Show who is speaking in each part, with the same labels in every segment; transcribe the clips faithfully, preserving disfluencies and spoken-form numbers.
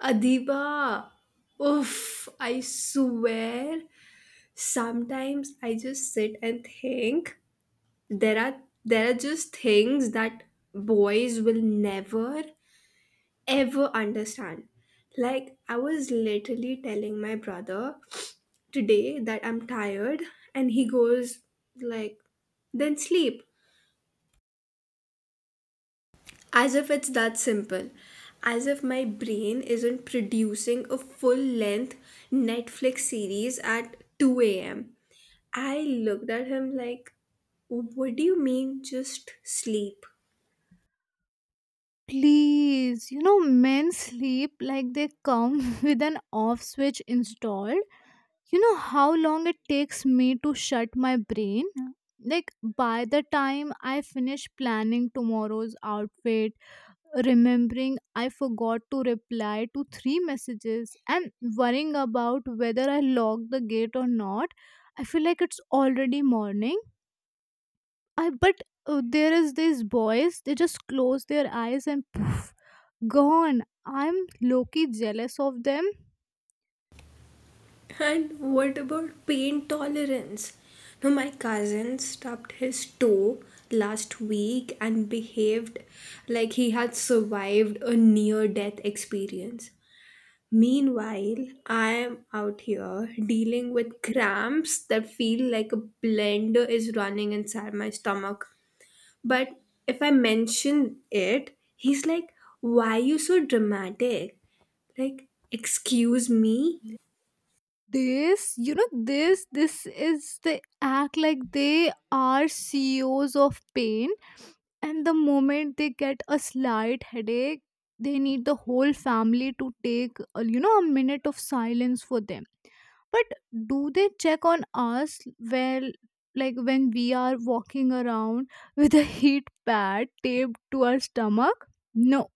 Speaker 1: Adiba, oof, I swear. Sometimes I just sit and think there are there are just things that boys will never ever understand. Like I was literally telling my brother today that I'm tired and he goes like then sleep. As if it's that simple. As if my brain isn't producing a full length Netflix series at two a m. I looked at him like, what do you mean just sleep?
Speaker 2: Please, you know, men sleep like they come with an off switch installed. You know how long it takes me to shut my brain? Like, by the time I finish planning tomorrow's outfit, remembering I forgot to reply to three messages, and worrying about whether I locked the gate or not, I feel like it's already morning. I, but uh, there is these boys, they just close their eyes and poof. Gone. I'm low key jealous of them.
Speaker 1: And what about pain tolerance? No, my cousin stubbed his toe last week and behaved like he had survived a near death experience. Meanwhile, I am out here dealing with cramps that feel like a blender is running inside my stomach. But if I mention it, he's like, why you so dramatic? Like, excuse me?
Speaker 2: This, you know, this, this is they act like they are C E Os of pain, and the moment they get a slight headache, they need the whole family to take, uh, you know, a minute of silence for them. But do they check on us? Well, like when we are walking around with a heat pad taped to our stomach. No,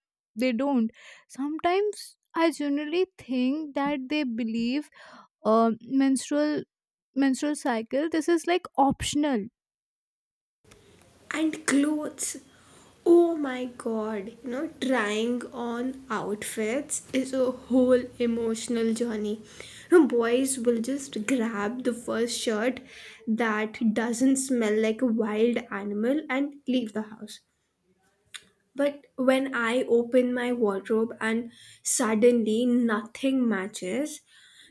Speaker 2: they don't. Sometimes I generally think that they believe uh, menstrual menstrual cycle this is like optional.
Speaker 1: And clothes. Oh my god, you know, trying on outfits is a whole emotional journey. You know, boys will just grab the first shirt that doesn't smell like a wild animal and leave the house. But when I open my wardrobe and suddenly nothing matches,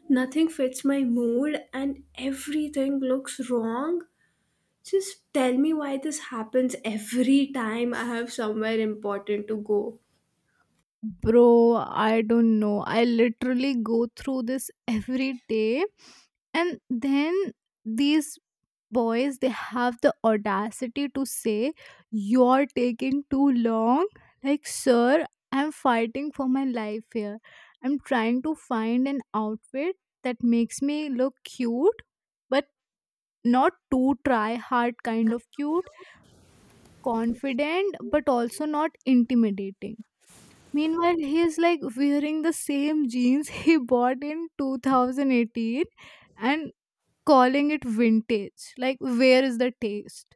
Speaker 1: nothing fits my mood, and everything looks wrong, just tell me why this happens every time I have somewhere important to go.
Speaker 2: Bro, I don't know, I literally go through this every day. And then these boys, they have the audacity to say you're taking too long. Like sir, I'm fighting for my life here. I'm trying to find an outfit that makes me look cute, but not too try hard kind of cute, confident but also not intimidating. Meanwhile he is like wearing the same jeans he bought in twenty eighteen and calling it vintage. Like, where is the taste?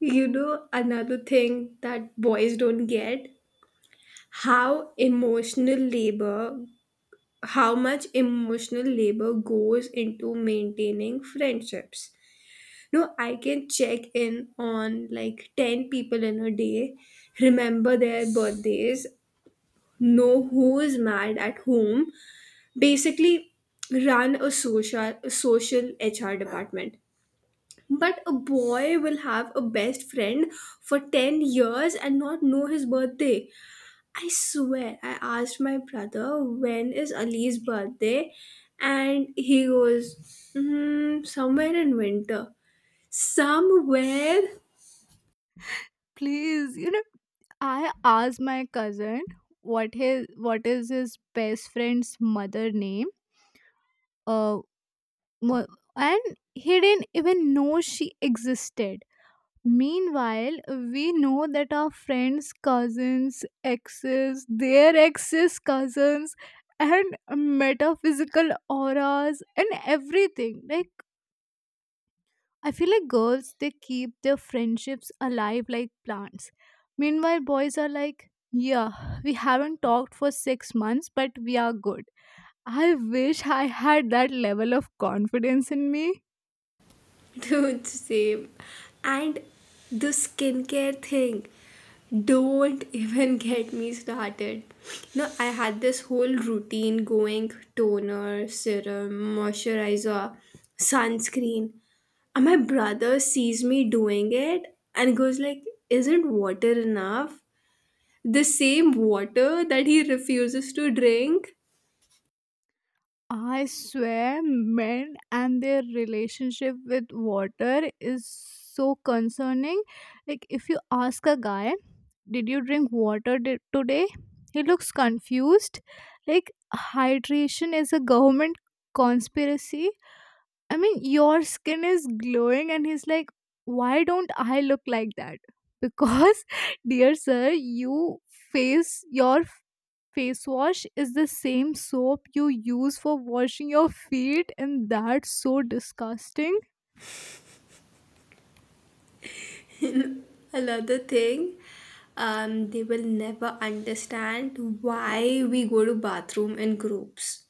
Speaker 1: You know, another thing that boys don't get, how emotional labor, how much emotional labor goes into maintaining friendships. No, I can check in on like ten people in a day, remember their birthdays, know who is mad at whom, basically ran a social a social H R department. But a boy will have a best friend for ten years and not know his birthday. I swear, I asked my brother, when is Ali's birthday? And he goes, mm, somewhere in winter. Somewhere.
Speaker 2: Please, you know, I asked my cousin what his what is his best friend's mother name. Uh, mo- and he didn't even know she existed. Meanwhile, we know that our friends, cousins, exes, their exes, cousins, and metaphysical auras and everything. Like, I feel like girls they keep their friendships alive like plants. Meanwhile, boys are like, yeah, we haven't talked for six months, but we are good. I wish I had that level of confidence in me.
Speaker 1: Dude, same. And the skincare thing, don't even get me started. No, I had this whole routine going, toner, serum, moisturizer, sunscreen. And my brother sees me doing it and goes like, "Isn't water enough?" The same water that he refuses to drink.
Speaker 2: I swear, men and their relationship with water is so concerning. Like, if you ask a guy, did you drink water di- today? He looks confused. Like, hydration is a government conspiracy. I mean, your skin is glowing, and he's like, why don't I look like that? Because, dear sir, you face your face wash is the same soap you use for washing your feet, and that's so disgusting.
Speaker 1: Another thing, um, they will never understand why we go to bathroom in groups.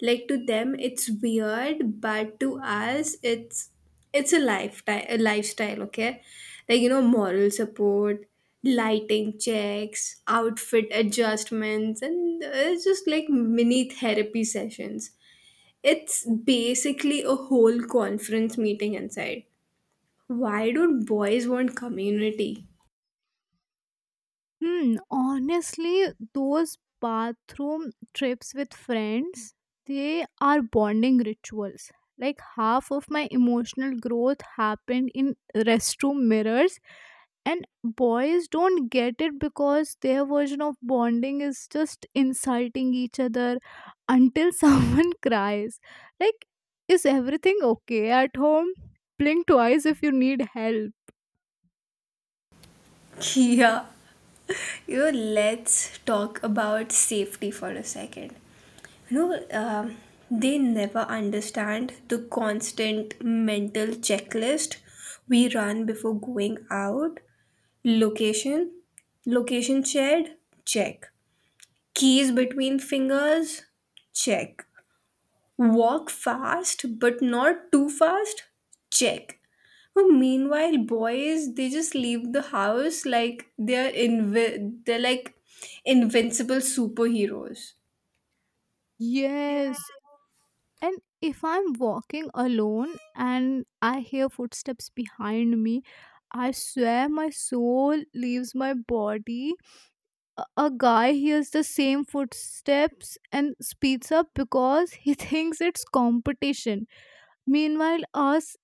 Speaker 1: Like to them, it's weird, but to us, it's it's a lifetime, a lifestyle. Okay, like you know, moral support, lighting checks, outfit adjustments, and it's just like mini therapy sessions. It's basically a whole conference meeting inside. Why don't boys want community?
Speaker 2: Hmm, honestly, those bathroom trips with friends, they are bonding rituals. Like half of my emotional growth happened in restroom mirrors, and boys don't get it because their version of bonding is just insulting each other until someone cries. Like, is everything okay at home? Blink twice if you need help.
Speaker 1: Yeah, you know, let's talk about safety for a second. You know, um, they never understand the constant mental checklist we run before going out. Location, location shared, check. Keys between fingers, check. Walk fast, but not too fast? Check. But meanwhile, boys, they just leave the house like they're invi- they're like invincible superheroes.
Speaker 2: Yes, and if I'm walking alone and I hear footsteps behind me, I swear my soul leaves my body. A a guy hears the same footsteps and speeds up because he thinks it's competition. Meanwhile us,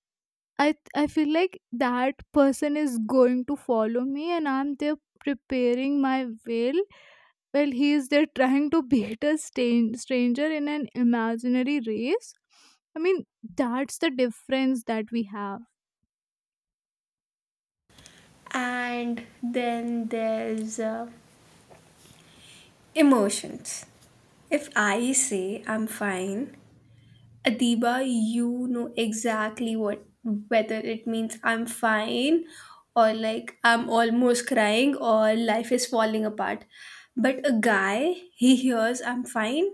Speaker 2: i i feel like that person is going to follow me and I'm there preparing my will, while he is there trying to beat a stan- stranger in an imaginary race. I mean, that's the difference that we have.
Speaker 1: And then there's uh, emotions. If I say I'm fine, Adiba, you know exactly what, whether it means I'm fine or like I'm almost crying or life is falling apart. But a guy, he hears I'm fine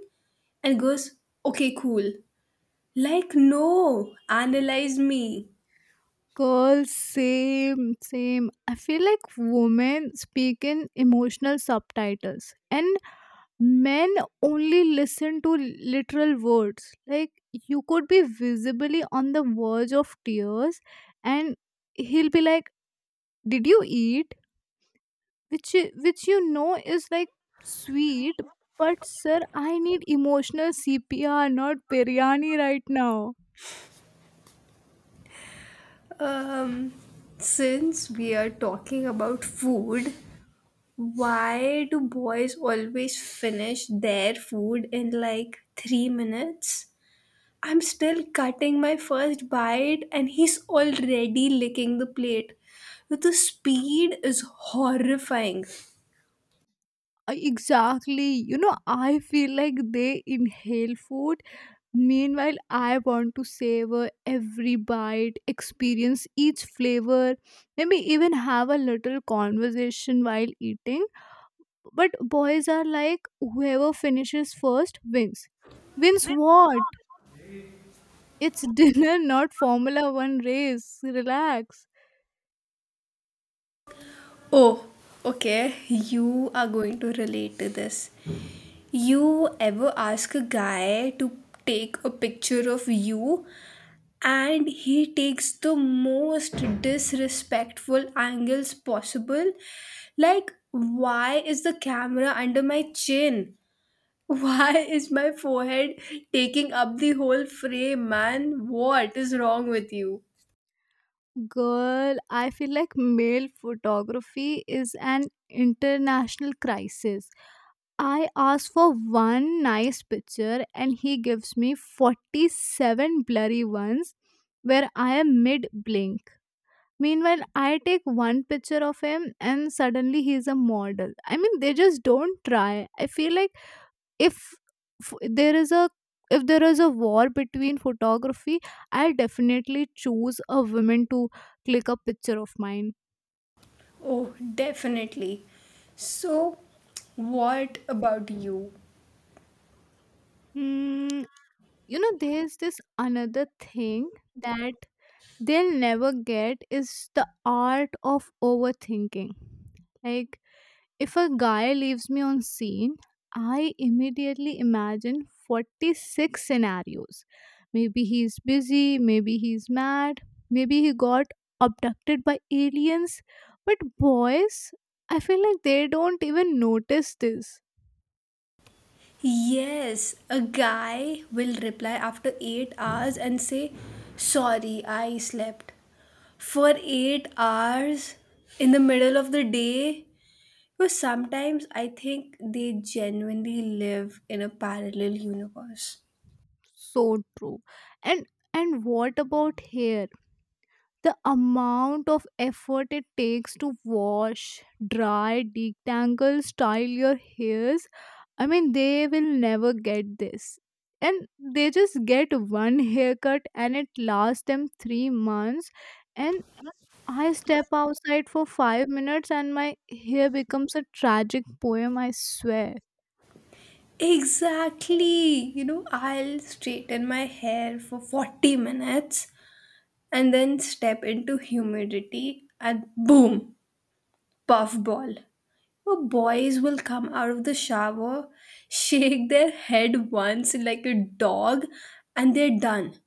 Speaker 1: and goes, okay, cool. Like, no, analyze me.
Speaker 2: Girls, same same I feel like women speak in emotional subtitles, and men only listen to literal words. Like you could be visibly on the verge of tears and he'll be like, did you eat? Which i- which you know is like sweet, but sir, I need emotional C P R, not biryani right now.
Speaker 1: Um, since we are talking about food, why do boys always finish their food in like three minutes? I'm still cutting my first bite and he's already licking the plate. The speed is horrifying.
Speaker 2: Uh, exactly, you know, I feel like they inhale food. Meanwhile, I want to savor every bite, experience each flavor, maybe even have a little conversation while eating. But boys are like, whoever finishes first wins. Wins what? It's dinner, not Formula One race. Relax.
Speaker 1: Oh, okay, you are going to relate to this. You ever ask a guy to take a picture of you and he takes the most disrespectful angles possible? Like, why is the camera under my chin? Why is my forehead taking up the whole frame, man? What is wrong with you?
Speaker 2: Girl, I feel like male photography is an international crisis. I ask for one nice picture and he gives me forty-seven blurry ones where I am mid blink. Meanwhile, I take one picture of him and suddenly he's a model. I mean, they just don't try. I feel like if f- there is a if there is a war between photography, I definitely choose a woman to click a picture of mine.
Speaker 1: Oh, definitely. So, what about you?
Speaker 2: Mm, you know, there's this another thing that they'll never get is the art of overthinking. Like, if a guy leaves me on scene, I immediately imagine forty-six scenarios. Maybe he's busy, maybe he's mad, maybe he got abducted by aliens. But boys, I feel like they don't even notice this.
Speaker 1: Yes, a guy will reply after eight hours and say, sorry, I slept. For eight hours in the middle of the day? Because sometimes I think they genuinely live in a parallel universe.
Speaker 2: So true. And and what about hair? The amount of effort it takes to wash, dry, detangle, style your hairs, I mean, they will never get this. And they just get one haircut and it lasts them three months. And I step outside for five minutes and my hair becomes a tragic poem, I swear.
Speaker 1: Exactly. You know, I'll straighten my hair for forty minutes and then step into humidity and boom, puffball. Oh, boys will come out of the shower, shake their head once like a dog, and they're done.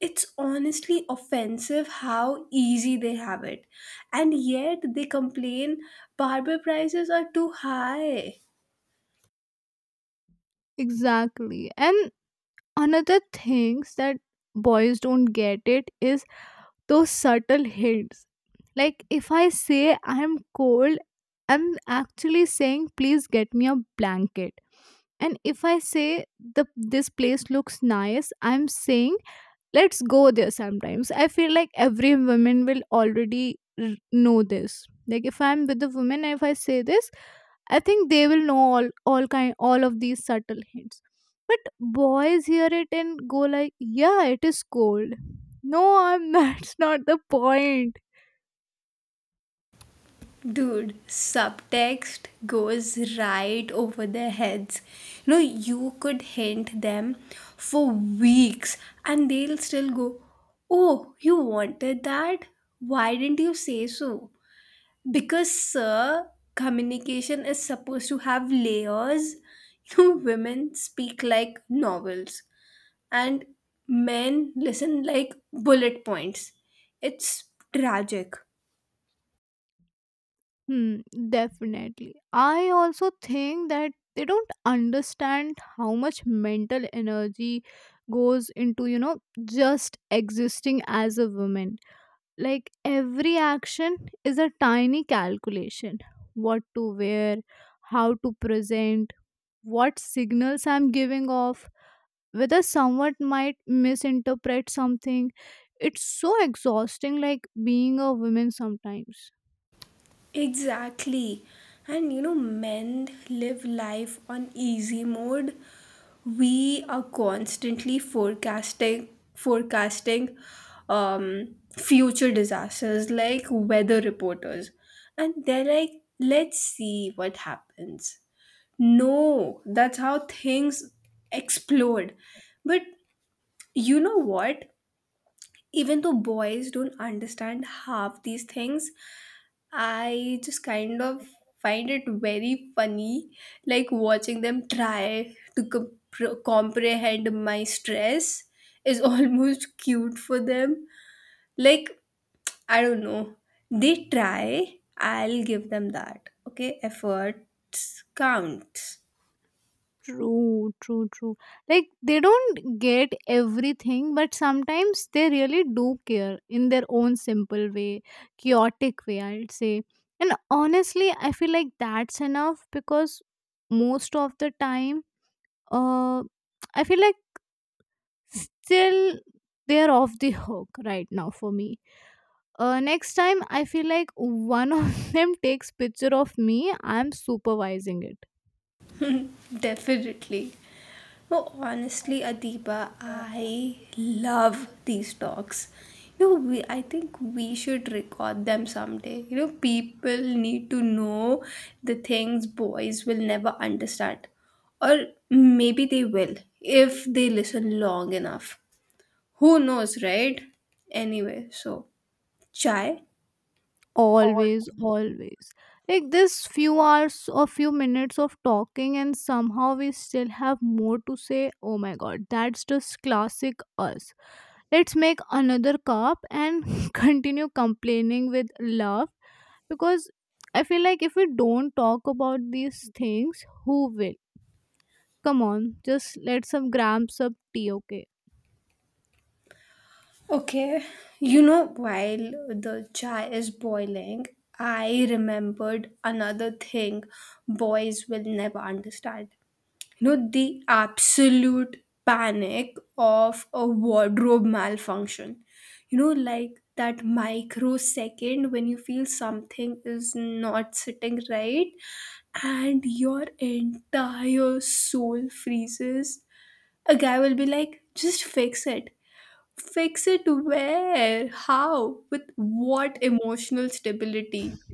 Speaker 1: It's honestly offensive how easy they have it. And yet they complain barber prices are too high.
Speaker 2: Exactly. And another things that boys don't get it is those subtle hints. Like if I say I'm cold, I'm actually saying please get me a blanket. And if I say the this place looks nice, I'm saying let's go there sometimes. I feel like every woman will already r- know this. Like if I'm with a woman, if I say this, I think they will know all all kind all of these subtle hints. But boys hear it and go like, "Yeah, it is cold." No, I'm. That's not the point.
Speaker 1: Dude, subtext goes right over their heads. You know, you could hint them for weeks and they'll still go, oh, you wanted that? Why didn't you say so? Because, sir, communication is supposed to have layers. You know, women speak like novels and men listen like bullet points. It's tragic.
Speaker 2: Hmm, definitely. I also think that they don't understand how much mental energy goes into, you know, just existing as a woman. Like every action is a tiny calculation: what to wear, how to present, what signals I'm giving off, whether someone might misinterpret something. It's so exhausting, like being a woman sometimes.
Speaker 1: Exactly. And you know, men live life on easy mode. We are constantly forecasting forecasting um future disasters like weather reporters. And they're like, let's see what happens. No, that's how things explode. But you know what? Even though boys don't understand half these things, I just kind of find it very funny, like watching them try to comp- comprehend my stress is almost cute for them. Like, I don't know, they try, I'll give them that. Okay, efforts counts.
Speaker 2: True, true, true. Like they don't get everything, but sometimes they really do care in their own simple way, chaotic way, I'd say. And honestly, I feel like that's enough because most of the time, uh, I feel like still they are off the hook right now for me. Uh, next time I feel like one of them takes picture of me, I'm supervising it.
Speaker 1: Definitely. No, honestly, Adiba, I love these talks. You know, we, I think we should record them someday. You know, people need to know the things boys will never understand. Or maybe they will if they listen long enough. Who knows, right? Anyway, so chai.
Speaker 2: Always, always, like this few hours or few minutes of talking and somehow we still have more to say. Oh my god, that's just classic us. Let's make another cup and continue complaining with love, because I feel like if we don't talk about these things, who will? Come on, just let some grams of tea, okay?
Speaker 1: Okay, you know, while the chai is boiling, I remembered another thing boys will never understand. You know, the absolute panic of a wardrobe malfunction. You know, like that microsecond when you feel something is not sitting right and your entire soul freezes. A guy will be like, just fix it. Fix it where? How? With what emotional stability?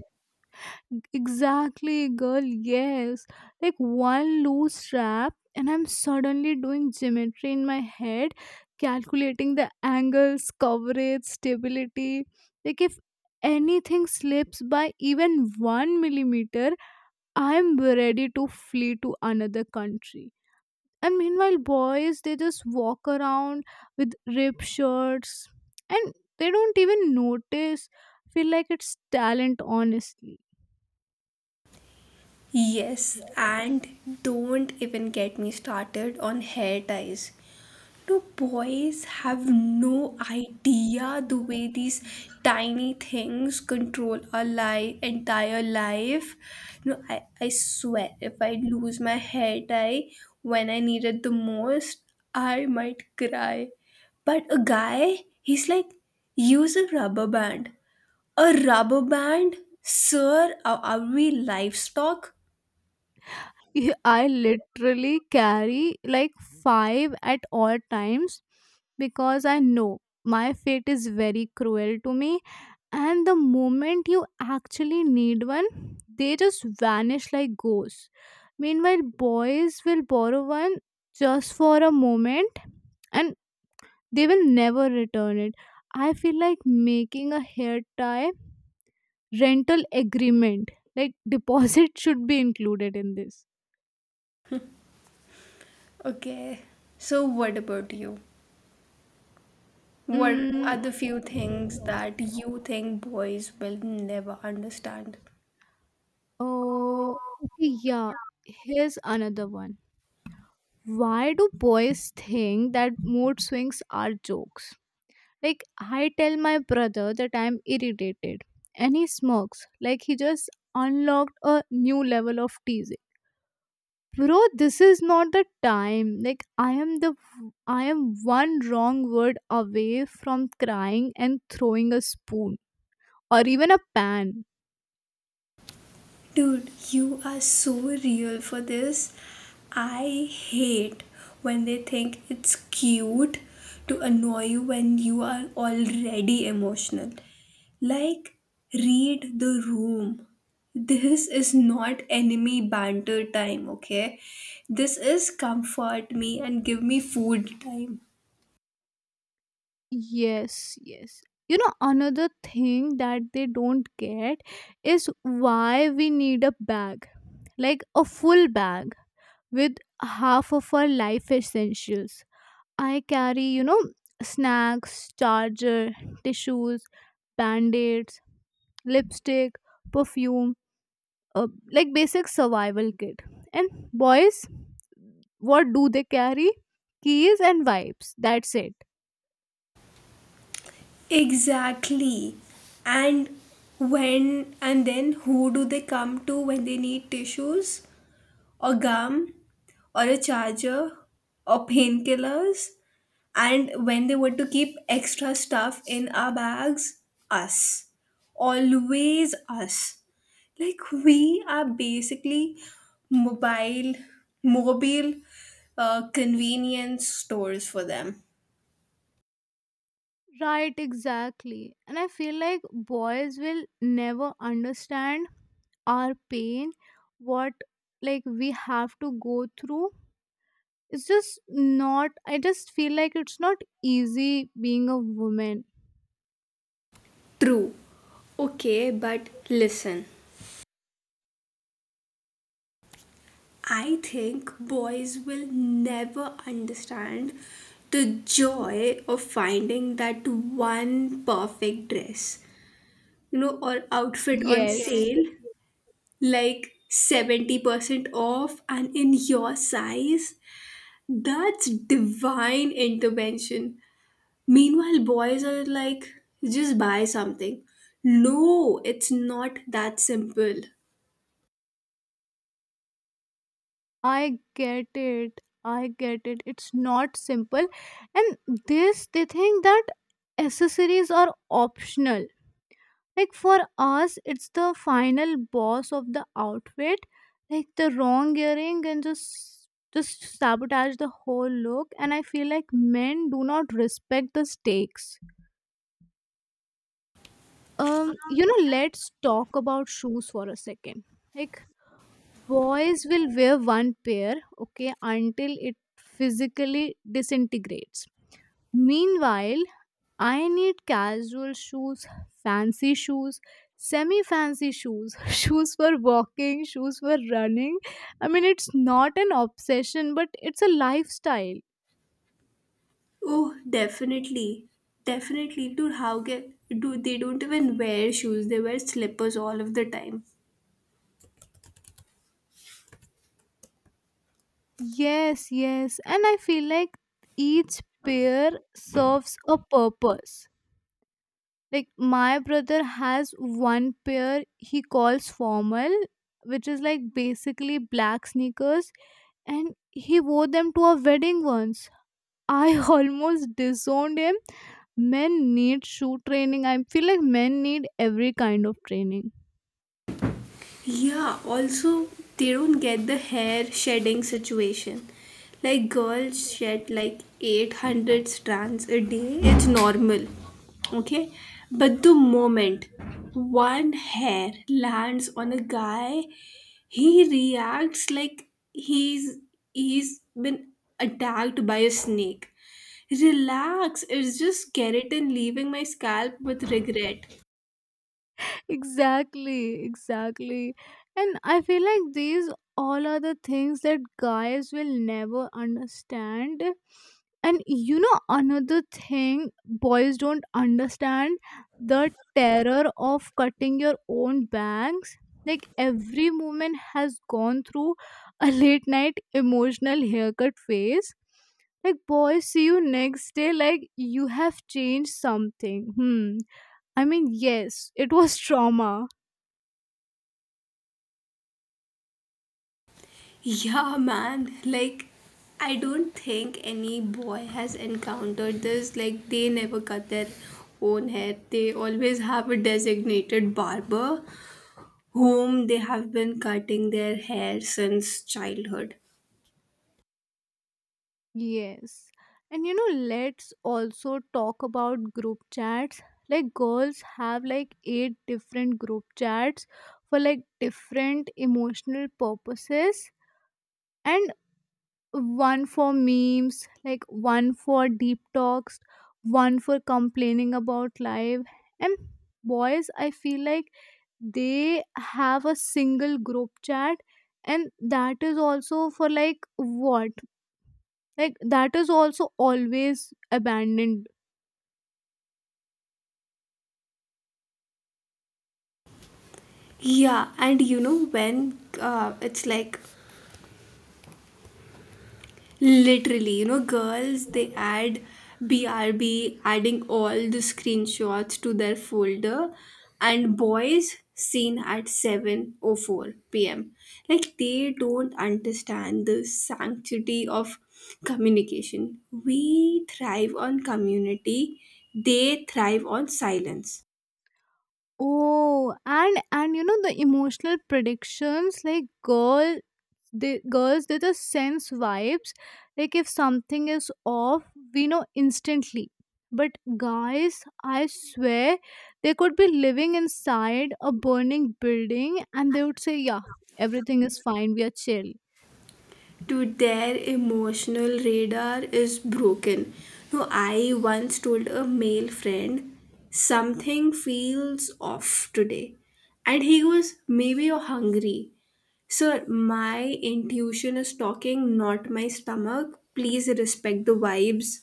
Speaker 2: Exactly, girl. Yes. Like one loose strap and I'm suddenly doing geometry in my head, calculating the angles, coverage, stability. Like if anything slips by even one millimeter, I'm ready to flee to another country. And meanwhile boys, they just walk around with ripped shirts and they don't even notice. Feel like it's talent, honestly.
Speaker 1: Yes, and don't even get me started on hair ties. No, boys have no idea the way these tiny things control our li- entire life. No, I, I swear, if I lose my hair tie when I need it the most, I might cry. But a guy, he's like, use a rubber band. A rubber band? Sir, are, are we livestock?
Speaker 2: Yeah, I literally carry like five at all times because I know my fate is very cruel to me, and the moment you actually need one, they just vanish like ghosts. Meanwhile boys will borrow one just for a moment and they will never return it. I feel like making a hair tie rental agreement, like deposit should be included in this.
Speaker 1: Okay. So, what about you? What
Speaker 2: Mm,
Speaker 1: are the few things that you think boys will never understand?
Speaker 2: oh, okay, yeah, here's another one. Why do boys think that mood swings are jokes? Like, I tell my brother that I'm irritated, and he smirks like he just unlocked a new level of teasing. Bro, this is not the time. Like, I am the I am one wrong word away from crying and throwing a spoon or even a pan.
Speaker 1: Dude, you are so real for this. I hate when they think it's cute to annoy you when you are already emotional. Like, read the room. This is not enemy banter time, okay? This is comfort me and give me food time.
Speaker 2: Yes, yes. You know, another thing that they don't get is why we need a bag, like a full bag with half of our life essentials. I carry, you know, snacks, charger, tissues, band-aids, lipstick, perfume, uh, like basic survival kit. And boys, what do they carry? Keys and wipes. That's it.
Speaker 1: Exactly. And when and then who do they come to when they need tissues or gum or a charger or painkillers? And when they want to keep extra stuff in our bags, us. Always us. Like we are basically mobile, mobile uh, convenience stores for them.
Speaker 2: Right, exactly. And I feel like boys will never understand our pain, what like we have to go through. It's just not, I just feel like it's not easy being a woman.
Speaker 1: True. Okay, but listen. I think boys will never understand the joy of finding that one perfect dress, you know, or outfit on, yeah,
Speaker 2: Yes,
Speaker 1: sale, like seventy percent off and in your size. That's divine intervention. Meanwhile, boys are like, just buy something. No, it's not that simple.
Speaker 2: I get it. I get it. It's not simple. And this, they think that accessories are optional. Like for us, it's the final boss of the outfit. Like the wrong earring and just just sabotage the whole look. And I feel like men do not respect the stakes. Um, you know, let's talk about shoes for a second. Like boys will wear one pair, okay, until it physically disintegrates. Meanwhile, I need casual shoes, fancy shoes, semi fancy shoes, shoes for walking, shoes for running. I mean, it's not an obsession but it's a lifestyle.
Speaker 1: Oh, definitely, definitely. Dude, how get do they don't even wear shoes? They wear slippers all of the time.
Speaker 2: Yes, yes, and I feel like each pair serves a purpose. Like my brother has one pair he calls formal, which is like basically black sneakers, and he wore them to a wedding once. I almost disowned him. Men need shoe training. I feel like men need every kind of training.
Speaker 1: Yeah, also they don't get the hair shedding situation. Like girls shed like eight hundred strands a day, it's normal. Okay? But the moment one hair lands on a guy, he reacts like he's he's been attacked by a snake. Relax, it's just keratin leaving my scalp with regret.
Speaker 2: Exactly, exactly. And I feel like these all are the things that guys will never understand. And you know, another thing boys don't understand: the terror of cutting your own bangs. Like every woman has gone through a late night emotional haircut phase. Like boys see you next day like you have changed something. Hmm, I mean, yes, it was trauma.
Speaker 1: Yeah, man. Like, I don't think any boy has encountered this. Like, they never cut their own hair. They always have a designated barber whom they have been cutting their hair since childhood.
Speaker 2: Yes. And you know, let's also talk about group chats. Like, girls have like eight different group chats for like different emotional purposes, and one for memes, like one for deep talks, one for complaining about life. And boys, I feel like they have a single group chat, and that is also for like what? Like that is also always abandoned.
Speaker 1: Yeah, and you know when uh, it's like literally, you know, girls they add B R B, adding all the screenshots to their folder, and boys seen at seven oh four p m. Like they don't understand the sanctity of communication. We thrive on community, they thrive on silence.
Speaker 2: Oh, and and you know, the emotional predictions, like girl, they girls they just sense vibes. Like if something is off, we know instantly. But guys, I swear, they could be living inside a burning building and they would say yeah, everything is fine, we are chill.
Speaker 1: To their emotional radar is broken. No, I once told a male friend, something feels off today. And he goes, maybe you're hungry. Sir, my intuition is talking, not my stomach. Please respect the vibes.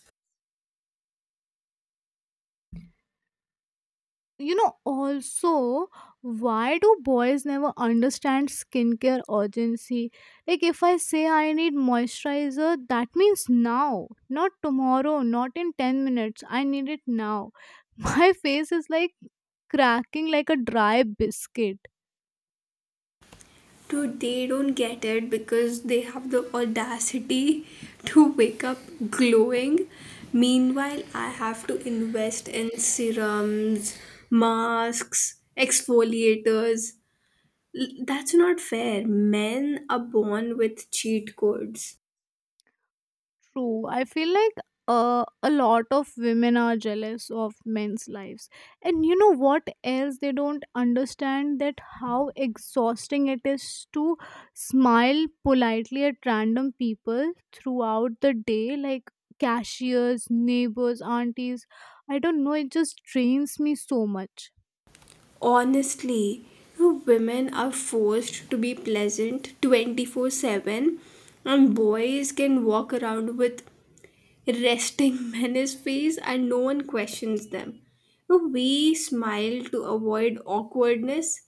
Speaker 2: You know, also why do boys never understand skincare urgency? Like if I say I need moisturizer, that means now, not tomorrow, not in ten minutes, I need it now. My face is like cracking like a dry biscuit.
Speaker 1: Dude, they don't get it because they have the audacity to wake up glowing. Meanwhile, I have to invest in serums, masks, exfoliators. L- That's not fair. Men are born with cheat codes.
Speaker 2: True. I feel like uh, a lot of women are jealous of men's lives. And you know what else? They don't understand that how exhausting it is to smile politely at random people throughout the day, like cashiers, neighbors, aunties. I don't know. It just drains me so much.
Speaker 1: Honestly, women are forced to be pleasant twenty four seven and boys can walk around with resting menace face and no one questions them. So we smile to avoid awkwardness.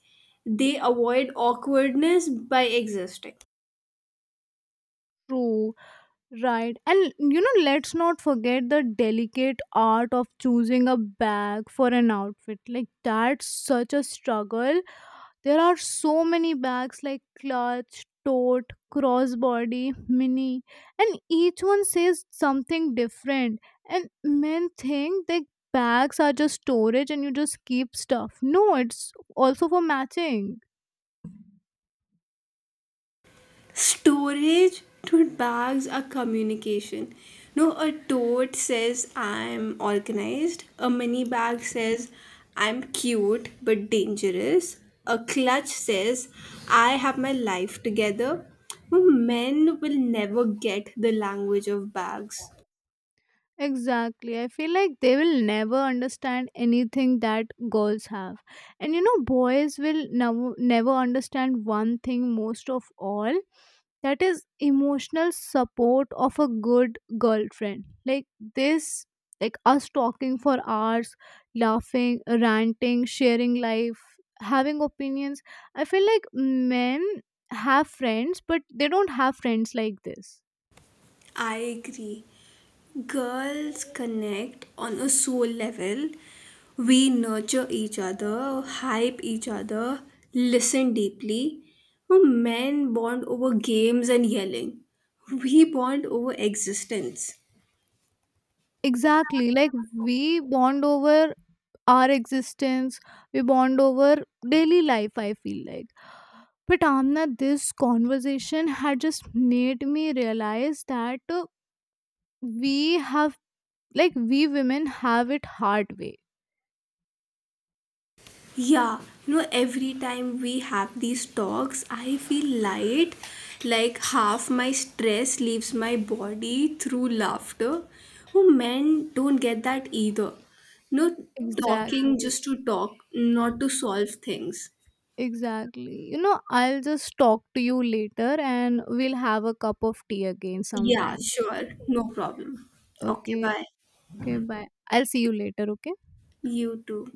Speaker 1: They avoid awkwardness by existing.
Speaker 2: True. Right. And you know, let's not forget the delicate art of choosing a bag for an outfit. Like, that's such a struggle. There are so many bags like clutch, tote, crossbody, mini, and each one says something different. And men think that bags are just storage and you just keep stuff. No, it's also for matching.
Speaker 1: Storage tote bags are communication. No, a tote says I'm organized. A mini bag says I'm cute but dangerous. A clutch says I have my life together. But men will never get the language of bags.
Speaker 2: Exactly. I feel like they will never understand anything that girls have. And you know, boys will never never understand one thing most of all, that is emotional support of a good girlfriend. Like this, like us talking for hours, laughing, ranting, sharing life, having opinions. I feel like men have friends, but they don't have friends like this.
Speaker 1: I agree. Girls connect on a soul level. We nurture each other, hype each other, listen deeply. While men bond over games and yelling. We bond over existence.
Speaker 2: Exactly, like we bond over our existence, we bond over daily life, I feel like. But Amna, this conversation had just made me realize that uh, we have, like we women have it hard way.
Speaker 1: Yeah, you know, every time we have these talks, I feel light, like half my stress leaves my body through laughter. Oh, men don't get that either. No,
Speaker 2: Exactly,
Speaker 1: talking just to talk, not to solve things.
Speaker 2: exactly. You know, I'll just talk to you later and we'll have a cup of tea again
Speaker 1: Yeah,
Speaker 2: sometimes.
Speaker 1: sure, no problem. Okay,
Speaker 2: Okay,
Speaker 1: bye.
Speaker 2: okay bye, I'll see you later, okay.
Speaker 1: You too.